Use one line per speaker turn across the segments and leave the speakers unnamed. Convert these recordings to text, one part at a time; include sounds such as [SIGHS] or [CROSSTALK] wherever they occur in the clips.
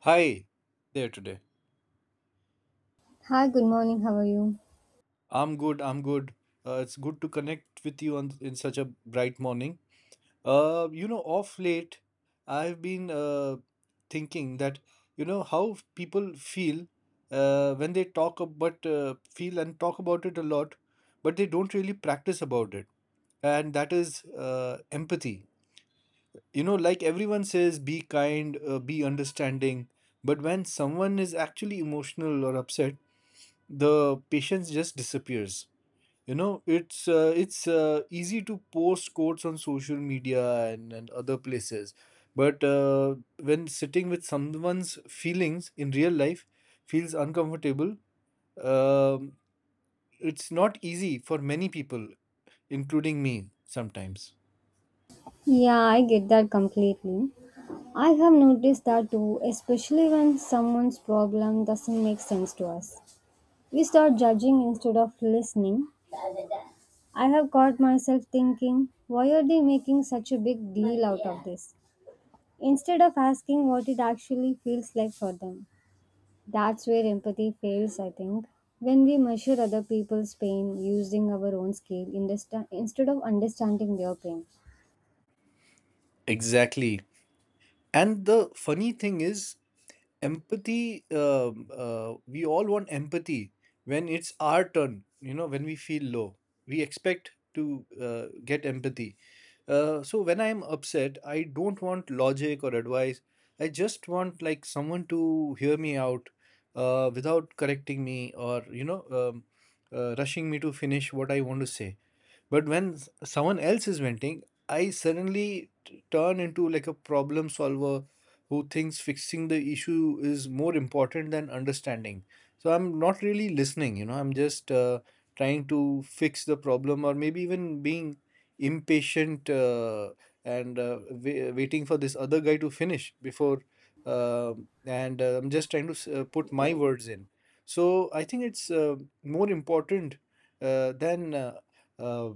Hi there today.
Hi, good morning. How are you?
I'm good. It's good to connect with you on in such a bright morning. You know, off late, I've been thinking that you know how people feel when they talk about feel and talk about it a lot, but they don't really practice about it, and that is empathy. You know, like everyone says, be kind, be understanding, but when someone is actually emotional or upset, the patience just disappears. You know, it's easy to post quotes on social media and other places, but when sitting with someone's feelings in real life feels uncomfortable. um, it's not easy for many people, including me sometimes.
Yeah, I get that completely. I have noticed that too, especially when someone's problem doesn't make sense to us. We start judging instead of listening. I have caught myself thinking, why are they making such a big deal out of this? Instead of asking what it actually feels like for them. That's where empathy fails, I think. When we measure other people's pain using our own scale instead of understanding their pain.
Exactly. And the funny thing is, empathy, we all want empathy when it's our turn, you know, when we feel low. We expect to get empathy. So when I'm upset, I don't want logic or advice. I just want like someone to hear me out without correcting me, or rushing me to finish what I want to say. But when someone else is venting, I suddenly turn into like a problem solver who thinks fixing the issue is more important than understanding. So I'm not really listening, you know, I'm just trying to fix the problem, or maybe even being impatient, and waiting for this other guy to finish before. Um and I'm just trying to put my words in. So I think it's more important than uh, uh,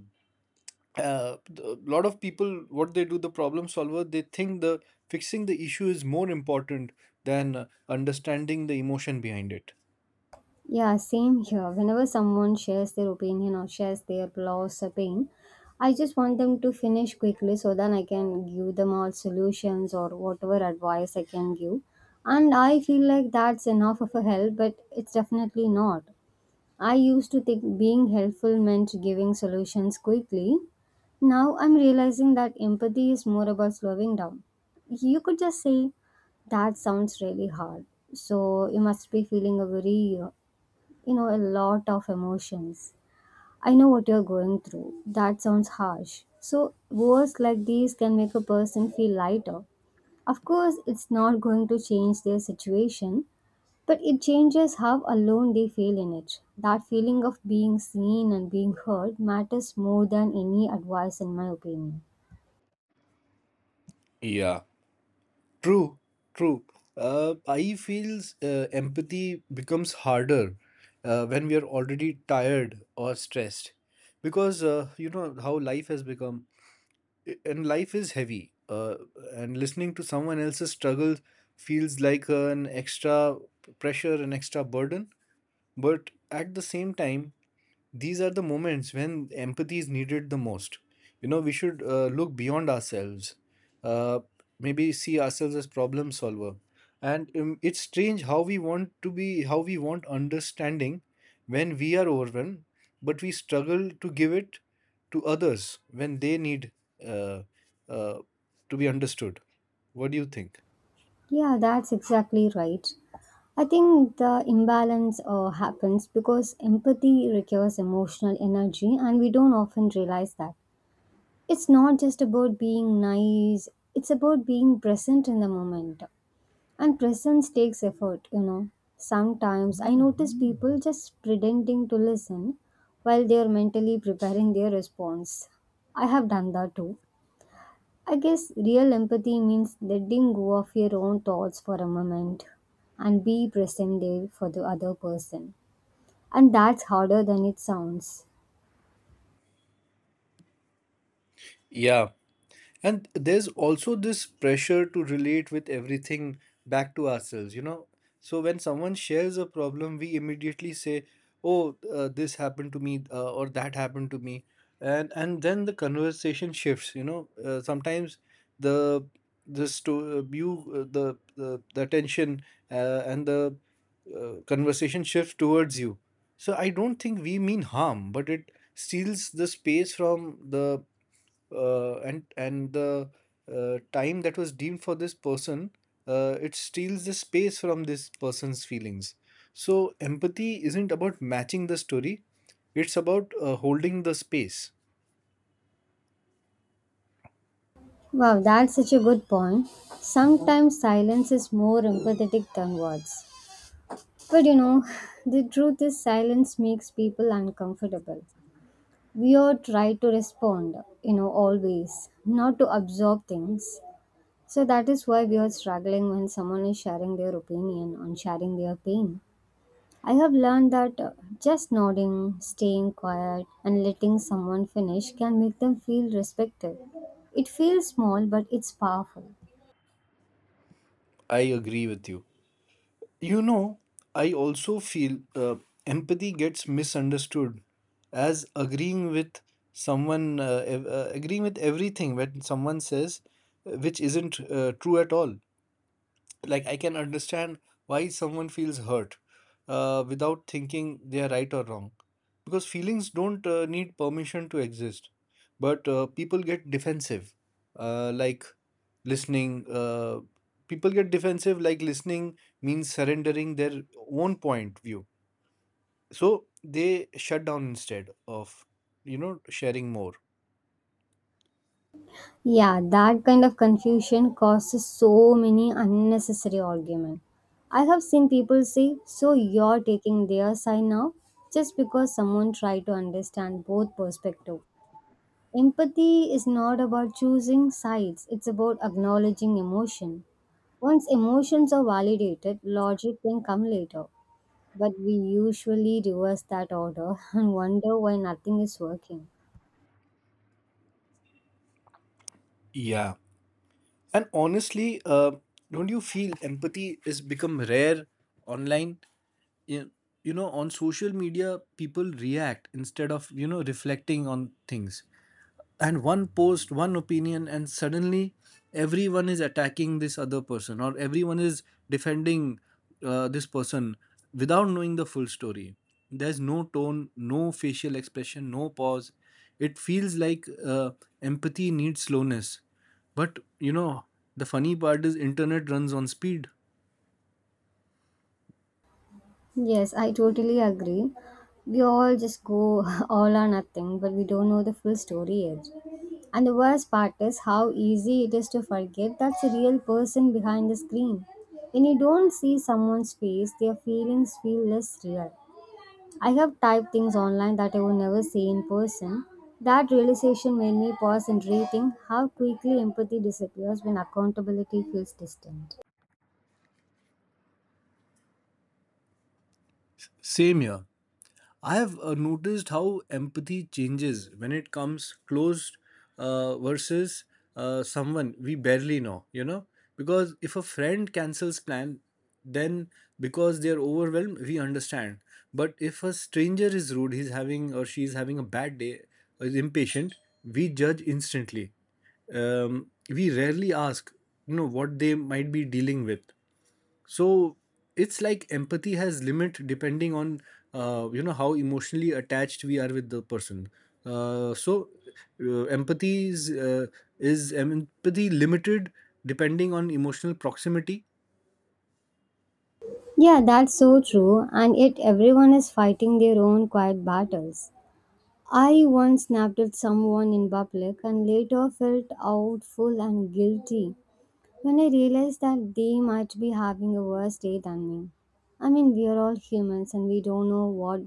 uh, a lot of people. What they do, the problem solver, they think the fixing the issue is more important than understanding the emotion behind it.
Yeah, same here. Whenever someone shares their opinion or shares their loss or pain, I just want them to finish quickly so that I can give them all solutions or whatever advice I can give. And I feel like that's enough of a help, but it's definitely not. I used to think being helpful meant giving solutions quickly. Now I'm realizing that empathy is more about slowing down. You could just say, that sounds really hard. So you must be feeling a very a lot of emotions. I know what you're going through. That sounds harsh. So, words like these can make a person feel lighter. Of course, it's not going to change their situation, but it changes how alone they feel in it. That feeling of being seen and being heard matters more than any advice, in my opinion.
Yeah. True, true. I feels empathy becomes harder when we are already tired or stressed, because you know how life has become. And life is heavy, and listening to someone else's struggle feels like an extra pressure, an extra burden. But at the same time, these are the moments when empathy is needed the most. You know, we should look beyond ourselves, uh, maybe see ourselves as problem solver. And it's strange how we want to be, how we want understanding when we are overwhelmed, but we struggle to give it to others when they need uh, uh, to be understood. What do you think?
Yeah, that's exactly right. I think the imbalance happens because empathy requires emotional energy, and we don't often realize that. It's not just about being nice, it's about being present in the moment. And presence takes effort, you know. Sometimes I notice people just pretending to listen while they are mentally preparing their response. I have done that too. I guess real empathy means letting go of your own thoughts for a moment and be present there for the other person. And that's harder than it sounds.
Yeah. And there's also this pressure to relate with everything back to ourselves, you know. So when someone shares a problem, we immediately say, "Oh, this happened to me," or "That happened to me," and then the conversation shifts. You know, sometimes the the sto- you the attention and the conversation shifts towards you. So I don't think we mean harm, but it steals the space from the and the time that was deemed for this person. It steals the space from this person's feelings. So empathy isn't about matching the story, it's about holding the space.
Wow, that's such a good point. Sometimes silence is more empathetic than words. But you know, [SIGHS] the truth is silence makes people uncomfortable. We all try to respond, you know, always, not to absorb things. So that is why we are struggling when someone is sharing their opinion on sharing their pain. I have learned that just nodding, staying quiet, and letting someone finish can make them feel respected. It feels small, but it's powerful.
I agree with you. You know, I also feel empathy gets misunderstood as agreeing with someone, agreeing with everything when someone says, which isn't true at all. Like I can understand why someone feels hurt without thinking they are right or wrong. Because feelings don't need permission to exist. But people get defensive, like listening. People get defensive, like listening means surrendering their own point view. So they shut down instead of, you know, sharing more.
Yeah, that kind of confusion causes so many unnecessary arguments. I have seen people say, so you're taking their side now? Just because someone tried to understand both perspectives. Empathy is not about choosing sides, it's about acknowledging emotion. Once emotions are validated, logic can come later. But we usually reverse that order [LAUGHS] and wonder why nothing is working.
Yeah. And honestly, don't you feel empathy is become rare online? you, you know, on social media people react instead of, you know, reflecting on things. And one post, one opinion, and suddenly everyone is attacking this other person, or everyone is defending this person without knowing the full story. There's no tone, no facial expression, no pause. It feels like empathy needs slowness, but you know, the funny part is internet runs on speed.
Yes, I totally agree. We all just go [LAUGHS] all or nothing, but we don't know the full story yet. And the worst part is how easy it is to forget that's a real person behind the screen. When you don't see someone's face, their feelings feel less real. I have typed things online that I would never say in person. That realization made me pause and rethink how quickly empathy disappears when accountability feels distant.
Same here. I have noticed how empathy changes when it comes close versus someone we barely know, you know? Because if a friend cancels plan, then because they're overwhelmed, we understand. But if a stranger is rude, he's having or she's having a bad day, is impatient, we judge instantly. We rarely ask, you know, what they might be dealing with. So it's like empathy has limit depending on, you know, how emotionally attached we are with the person. uh, so Empathy is empathy limited depending on emotional proximity?
Yeah, that's so true, and yet everyone is fighting their own quiet battles. I once snapped at someone in public and later felt outful and guilty when I realized that they might be having a worse day than me. I mean, we are all humans and we don't know what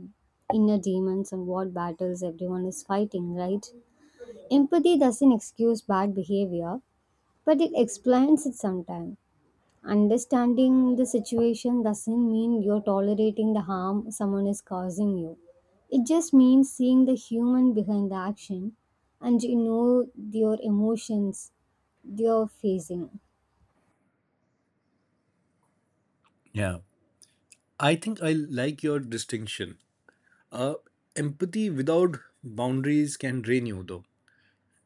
inner demons and what battles everyone is fighting, right? Empathy doesn't excuse bad behavior, but it explains it sometimes. Understanding the situation doesn't mean you're tolerating the harm someone is causing you. It just means seeing the human behind the action and you know your emotions you're facing.
Yeah. I think I like your distinction. Uh, Empathy without boundaries can drain you, though.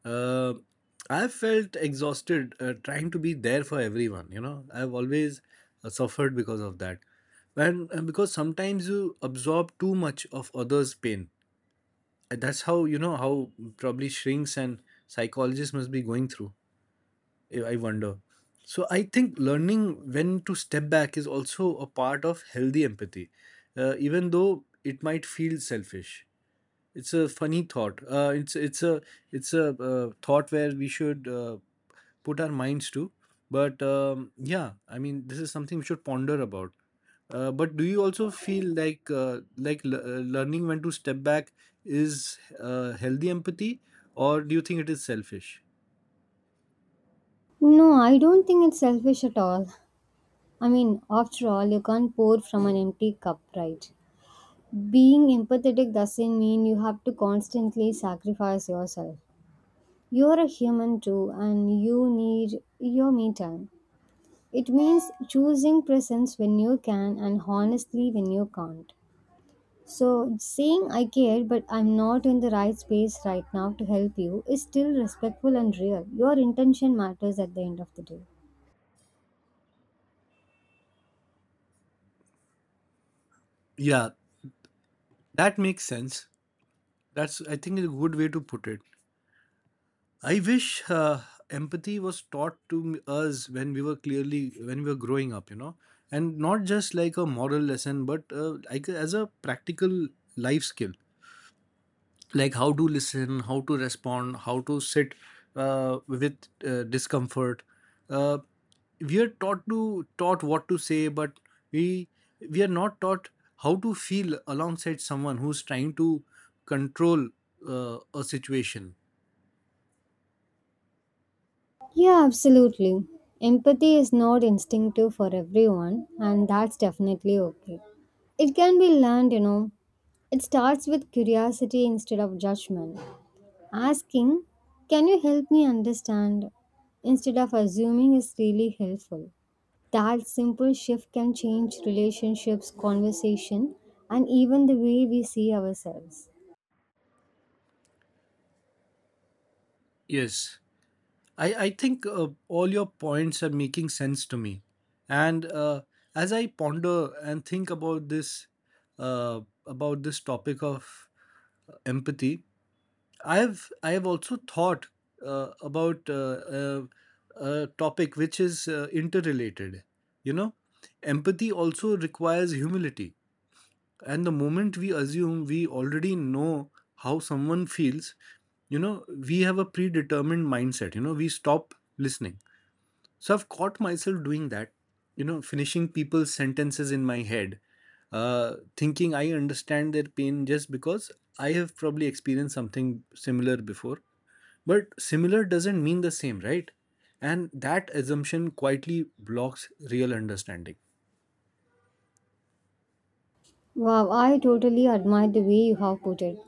Uh, I've felt exhausted trying to be there for everyone. You know, I've always suffered because of that. And because sometimes you absorb too much of others' pain. And that's how, you know, how probably shrinks and psychologists must be going through. I wonder. So I think learning when to step back is also a part of healthy empathy, even though it might feel selfish. It's a funny thought. It's a thought where we should put our minds to. But yeah, I mean, this is something we should ponder about. But do you also feel like, learning when to step back is healthy empathy, or do you think it is selfish?
No, I don't think it's selfish at all. I mean, after all, you can't pour from an empty cup, right? Being empathetic doesn't mean you have to constantly sacrifice yourself. You're a human too, and you need your me time. It means choosing presence when you can and honestly when you can't. So, saying I care but I'm not in the right space right now to help you is still respectful and real. Your intention matters at the end of the day.
Yeah. That makes sense. That's, I think, a good way to put it. I wish empathy was taught to us when we were, clearly when we were growing up, you know, and not just like a moral lesson, but like as a practical life skill. Like how to listen, how to respond, how to sit with discomfort. Uh, we are taught what to say, but we we are not taught how to feel alongside someone who's trying to control a situation.
Yeah, absolutely. Empathy is not instinctive for everyone, and that's definitely okay. It can be learned, you know. It starts with curiosity instead of judgment. Asking, can you help me understand? Instead of assuming is really helpful. That simple shift can change relationships, conversation, and even the way we see ourselves.
Yes, I think all your points are making sense to me, and as I ponder and think about this, uh, about this topic of empathy, I have also thought about a topic which is interrelated. You know, empathy also requires humility, and the moment we assume we already know how someone feels, you know, we have a predetermined mindset. You know, we stop listening. So I've caught myself doing that, you know, finishing people's sentences in my head, thinking I understand their pain just because I have probably experienced something similar before. But similar doesn't mean the same, right? And that assumption quietly blocks real understanding.
Wow, I totally admire the way you have put it.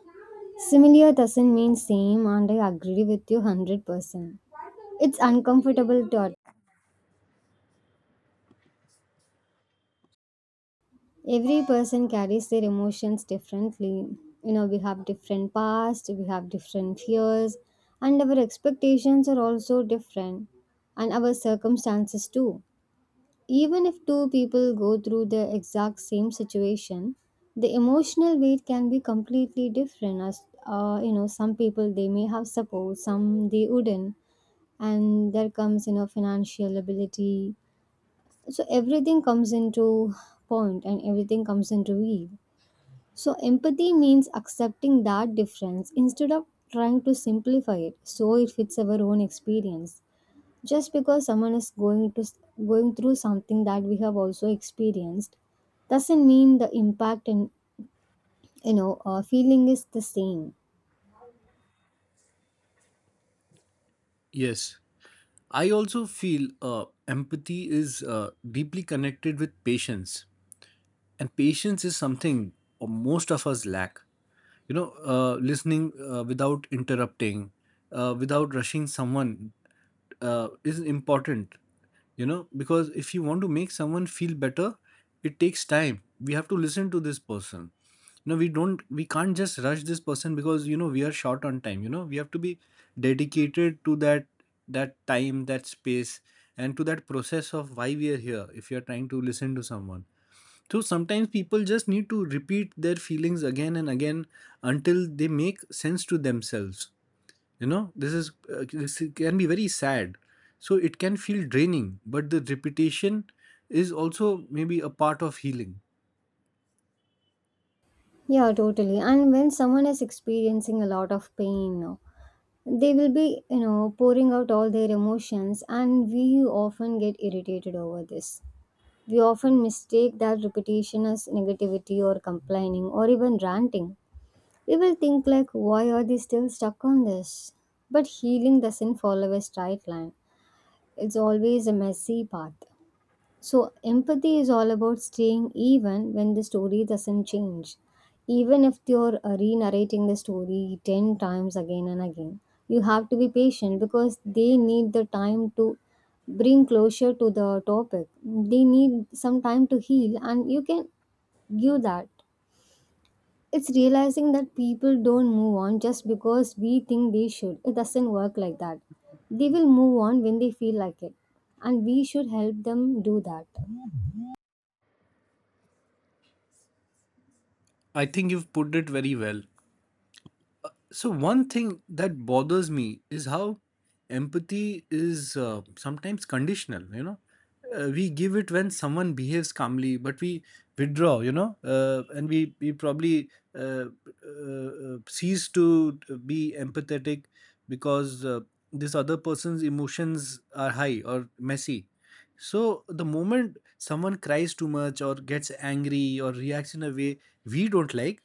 Similar doesn't mean same, and I agree with you 100%. It's uncomfortable to every person carries their emotions differently. You know, we have different past, we have different fears, and our expectations are also different, and our circumstances too. Even if two people go through the exact same situation, the emotional weight can be completely different. As you know, some people they may have support, some they wouldn't, and there comes you know financial ability. So everything comes into point, and everything comes into weave. So, empathy means accepting that difference instead of trying to simplify it so it fits our own experience. Just because someone is going through something that we have also experienced doesn't mean the impact and you know feeling is the same.
Yes. I also feel empathy is deeply connected with patience, and patience is something most of us lack. You know, listening without interrupting, without rushing someone is important. You know, because if you want to make someone feel better, it takes time. We have to listen to this person. You know, we can't just rush this person, because you know we are short on time. You know, we have to be dedicated to that, that time, that space, and to that process of why we are here, if you are trying to listen to someone. So sometimes people just need to repeat their feelings again and again until they make sense to themselves. You know, this is, this can be very sad. So it can feel draining, but the repetition is also maybe a part of healing.
Yeah, totally. And when someone is experiencing a lot of pain, they will be you know pouring out all their emotions, and we often get irritated over this. We often mistake that repetition as negativity or complaining or even ranting. We will think like why are they still stuck on this? But healing doesn't follow a straight line. It's always a messy path. So, empathy is all about staying even when the story doesn't change. Even if you're re narrating the story 10 times again and again, you have to be patient because they need the time to bring closure to the topic. They need some time to heal, and you can give that. It's realizing that people don't move on just because we think they should. It doesn't work like that. They will move on when they feel like it, and we should help them do that.
I think you've put it very well. So, one thing that bothers me is how empathy is sometimes conditional, you know. We give it when someone behaves calmly, but we withdraw, you know, and we probably uh, cease to be empathetic because this other person's emotions are high or messy. So, the moment someone cries too much or gets angry or reacts in a way we don't like,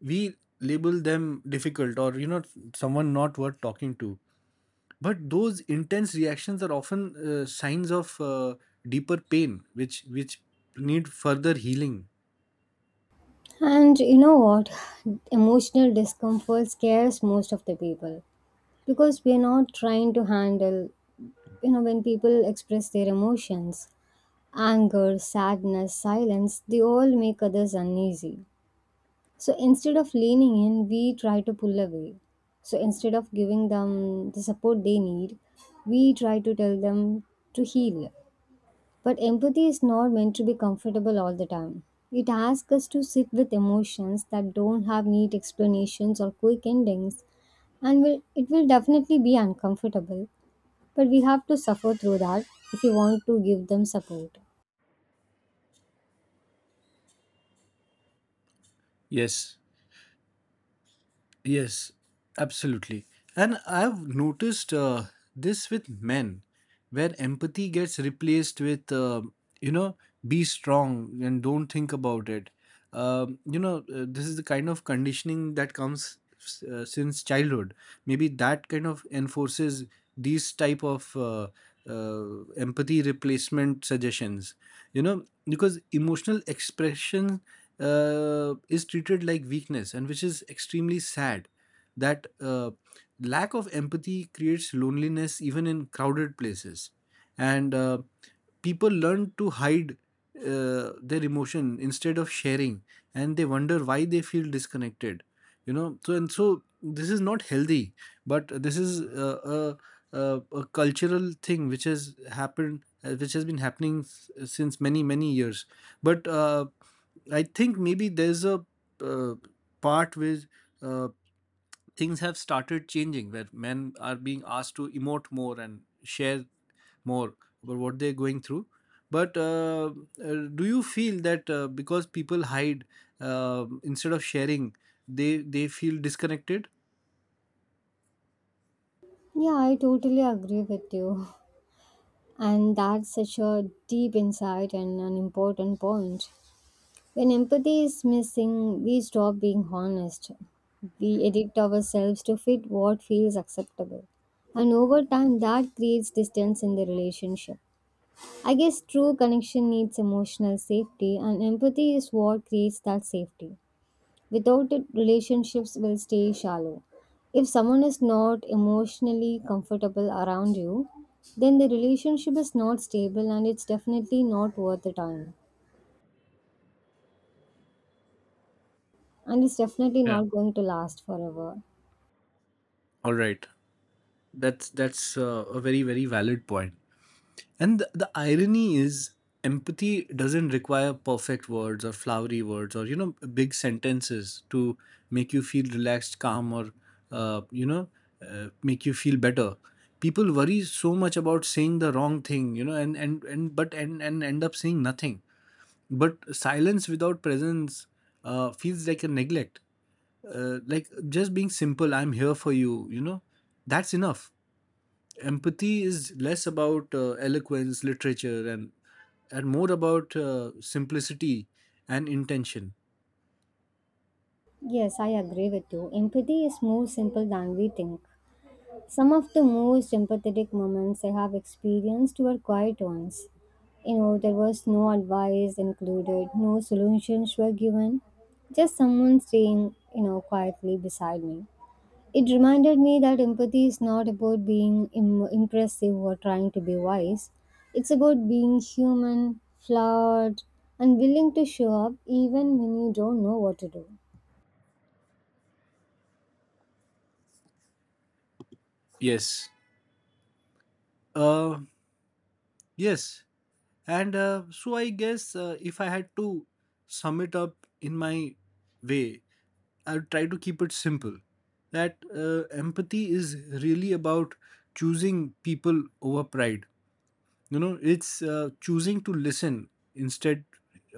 we label them difficult, or you know, someone not worth talking to. But those intense reactions are often signs of deeper pain, which need further healing.
And you know what? Emotional discomfort scares most of the people because we're not trying to handle, you know, when people express their emotions, anger, sadness, silence, they all make others uneasy. So instead of leaning in, we try to pull away. So instead of giving them the support they need, we try to tell them to heal. But empathy is not meant to be comfortable all the time. It asks us to sit with emotions that don't have neat explanations or quick endings, and it will definitely be uncomfortable. But we have to suffer through that if we want to give them support.
Yes, yes, absolutely. And I've noticed this with men, where empathy gets replaced with, you know, be strong and don't think about it. You know, this is the kind of conditioning that comes since childhood. Maybe that kind of enforces these type of empathy replacement suggestions. You know, because emotional expression is treated like weakness, and which is extremely sad, that lack of empathy creates loneliness even in crowded places. And people learn to hide their emotion instead of sharing, and they wonder why they feel disconnected. You know, so and so, this is not healthy. But this is uh, a, a cultural thing which has happened, which has been happening since many many years. But I think maybe there's a uh, part where uh, things have started changing, where men are being asked to emote more and share more about what they're going through. But do you feel that because people hide instead of sharing, they feel disconnected?
Yeah, I totally agree with you. [LAUGHS] And that's such a deep insight and an important point. When empathy is missing, we stop being honest. We addict ourselves to fit what feels acceptable. And over time, that creates distance in the relationship. I guess true connection needs emotional safety, and empathy is what creates that safety. Without it, relationships will stay shallow. If someone is not emotionally comfortable around you, then the relationship is not stable and it's definitely not worth the time, and it's definitely
Yeah,
not going to last forever.
all right. That's a very very valid point. And the irony is, empathy doesn't require perfect words or flowery words, or you know, big sentences to make you feel relaxed, calm, or, uh, you know, make you feel better. People worry so much about saying the wrong thing, you know, and end up saying nothing. But silence without presence feels like a neglect. Like just being simple, I'm here for you, you know, that's enough. Empathy is less about eloquence, literature, and more about simplicity and intention.
Yes, I agree with you. Empathy is more simple than we think. Some of the most empathetic moments I have experienced were quiet ones. You know, there was no advice included, no solutions were given, just someone staying, you know, quietly beside me. It reminded me that empathy is not about being impressive or trying to be wise. It's about being human, flawed, and willing to show up even when you don't know what to do.
Yes. Uh, yes, and so I guess, if I had to sum it up in my way, I'll try to keep it simple. That empathy is really about choosing people over pride. You know, it's choosing to listen instead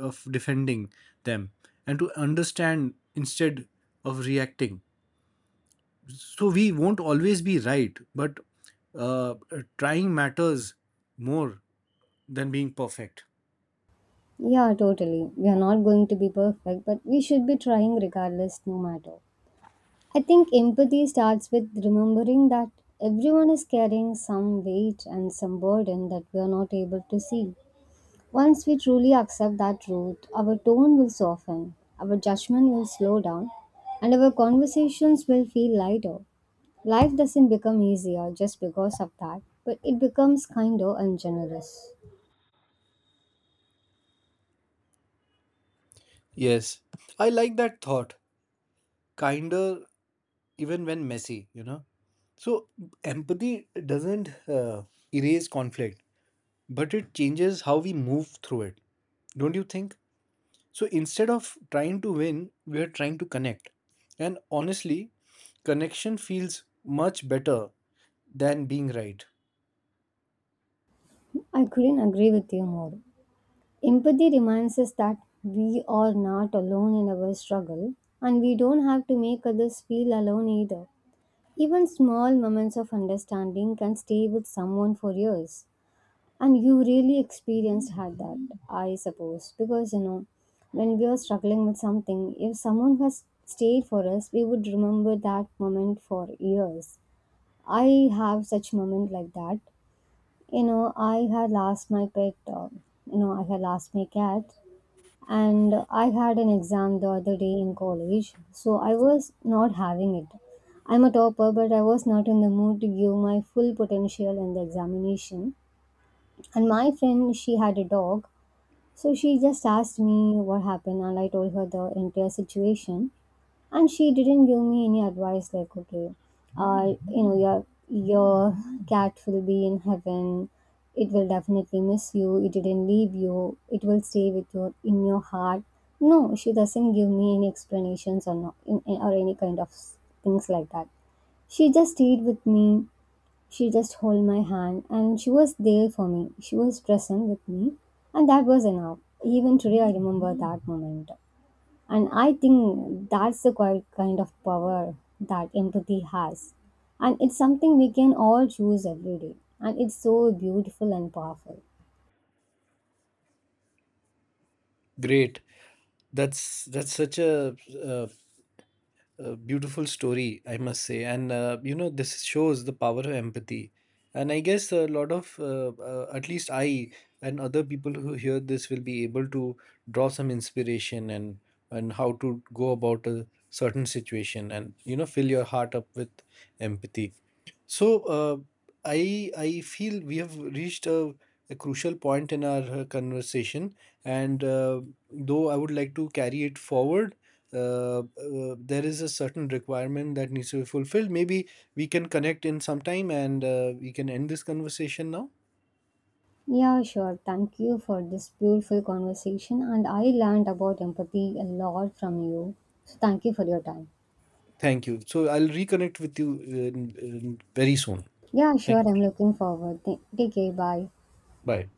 of defending them, and to understand instead of reacting. So we won't always be right, but uh, trying matters more than being perfect.
Yeah, totally. We are not going to be perfect, but we should be trying regardless, no matter. I think empathy starts with remembering that everyone is carrying some weight and some burden that we are not able to see. Once we truly accept that truth, our tone will soften, our judgment will slow down, and our conversations will feel lighter. Life doesn't become easier just because of that, but it becomes kinder and generous.
Yes, I like that thought. Kinder, even when messy, you know. So, empathy doesn't uh, erase conflict, but it changes how we move through it. Don't you think? So instead of trying to win, we are trying to connect. And honestly, connection feels much better than being right.
I couldn't agree with you more. Empathy reminds us that we are not alone in our struggle and we don't have to make others feel alone either. Even small moments of understanding can stay with someone for years. And you really experienced had that, I suppose, because you know, when we are struggling with something, if someone has stayed for us, we would remember that moment for years. I have such moment like that. You know, I had lost my pet. You know, I had lost my cat, and I had an exam the other day in college, so I was not having it. I'm a topper, but I was not in the mood to give my full potential in the examination. And my friend, she had a dog, so she just asked me what happened, and I told her the entire situation. And she didn't give me any advice like, okay, you know, your cat will be in heaven. It will definitely miss you. It didn't leave you. It will stay with you in your heart. No, she doesn't give me any explanations or not, in, or any kind of things like that. She just stayed with me, she just held my hand and she was there for me. She was present with me and that was enough. Even today I remember that moment. And I think that's the quite kind of power that empathy has. And it's something we can all choose every day. And it's so beautiful and powerful.
Great. That's such uh, a beautiful story, I must say. And you know, this shows the power of empathy. And I guess a lot of, at least I and other people who hear this will be able to draw some inspiration, and how to go about a certain situation, and you know, fill your heart up with empathy. So uh, I feel we have reached a crucial point in our conversation, and though I would like to carry it forward, uh, there is a certain requirement that needs to be fulfilled. Maybe we can connect in some time, and we can end this conversation now.
Yeah, sure. Thank you for this beautiful conversation. And I learned about empathy a lot from you. So thank you for your time.
Thank you. So I'll reconnect with you in very soon.
Yeah,
Thank
sure.
you.
I'm looking forward. Take care. Bye.
Bye.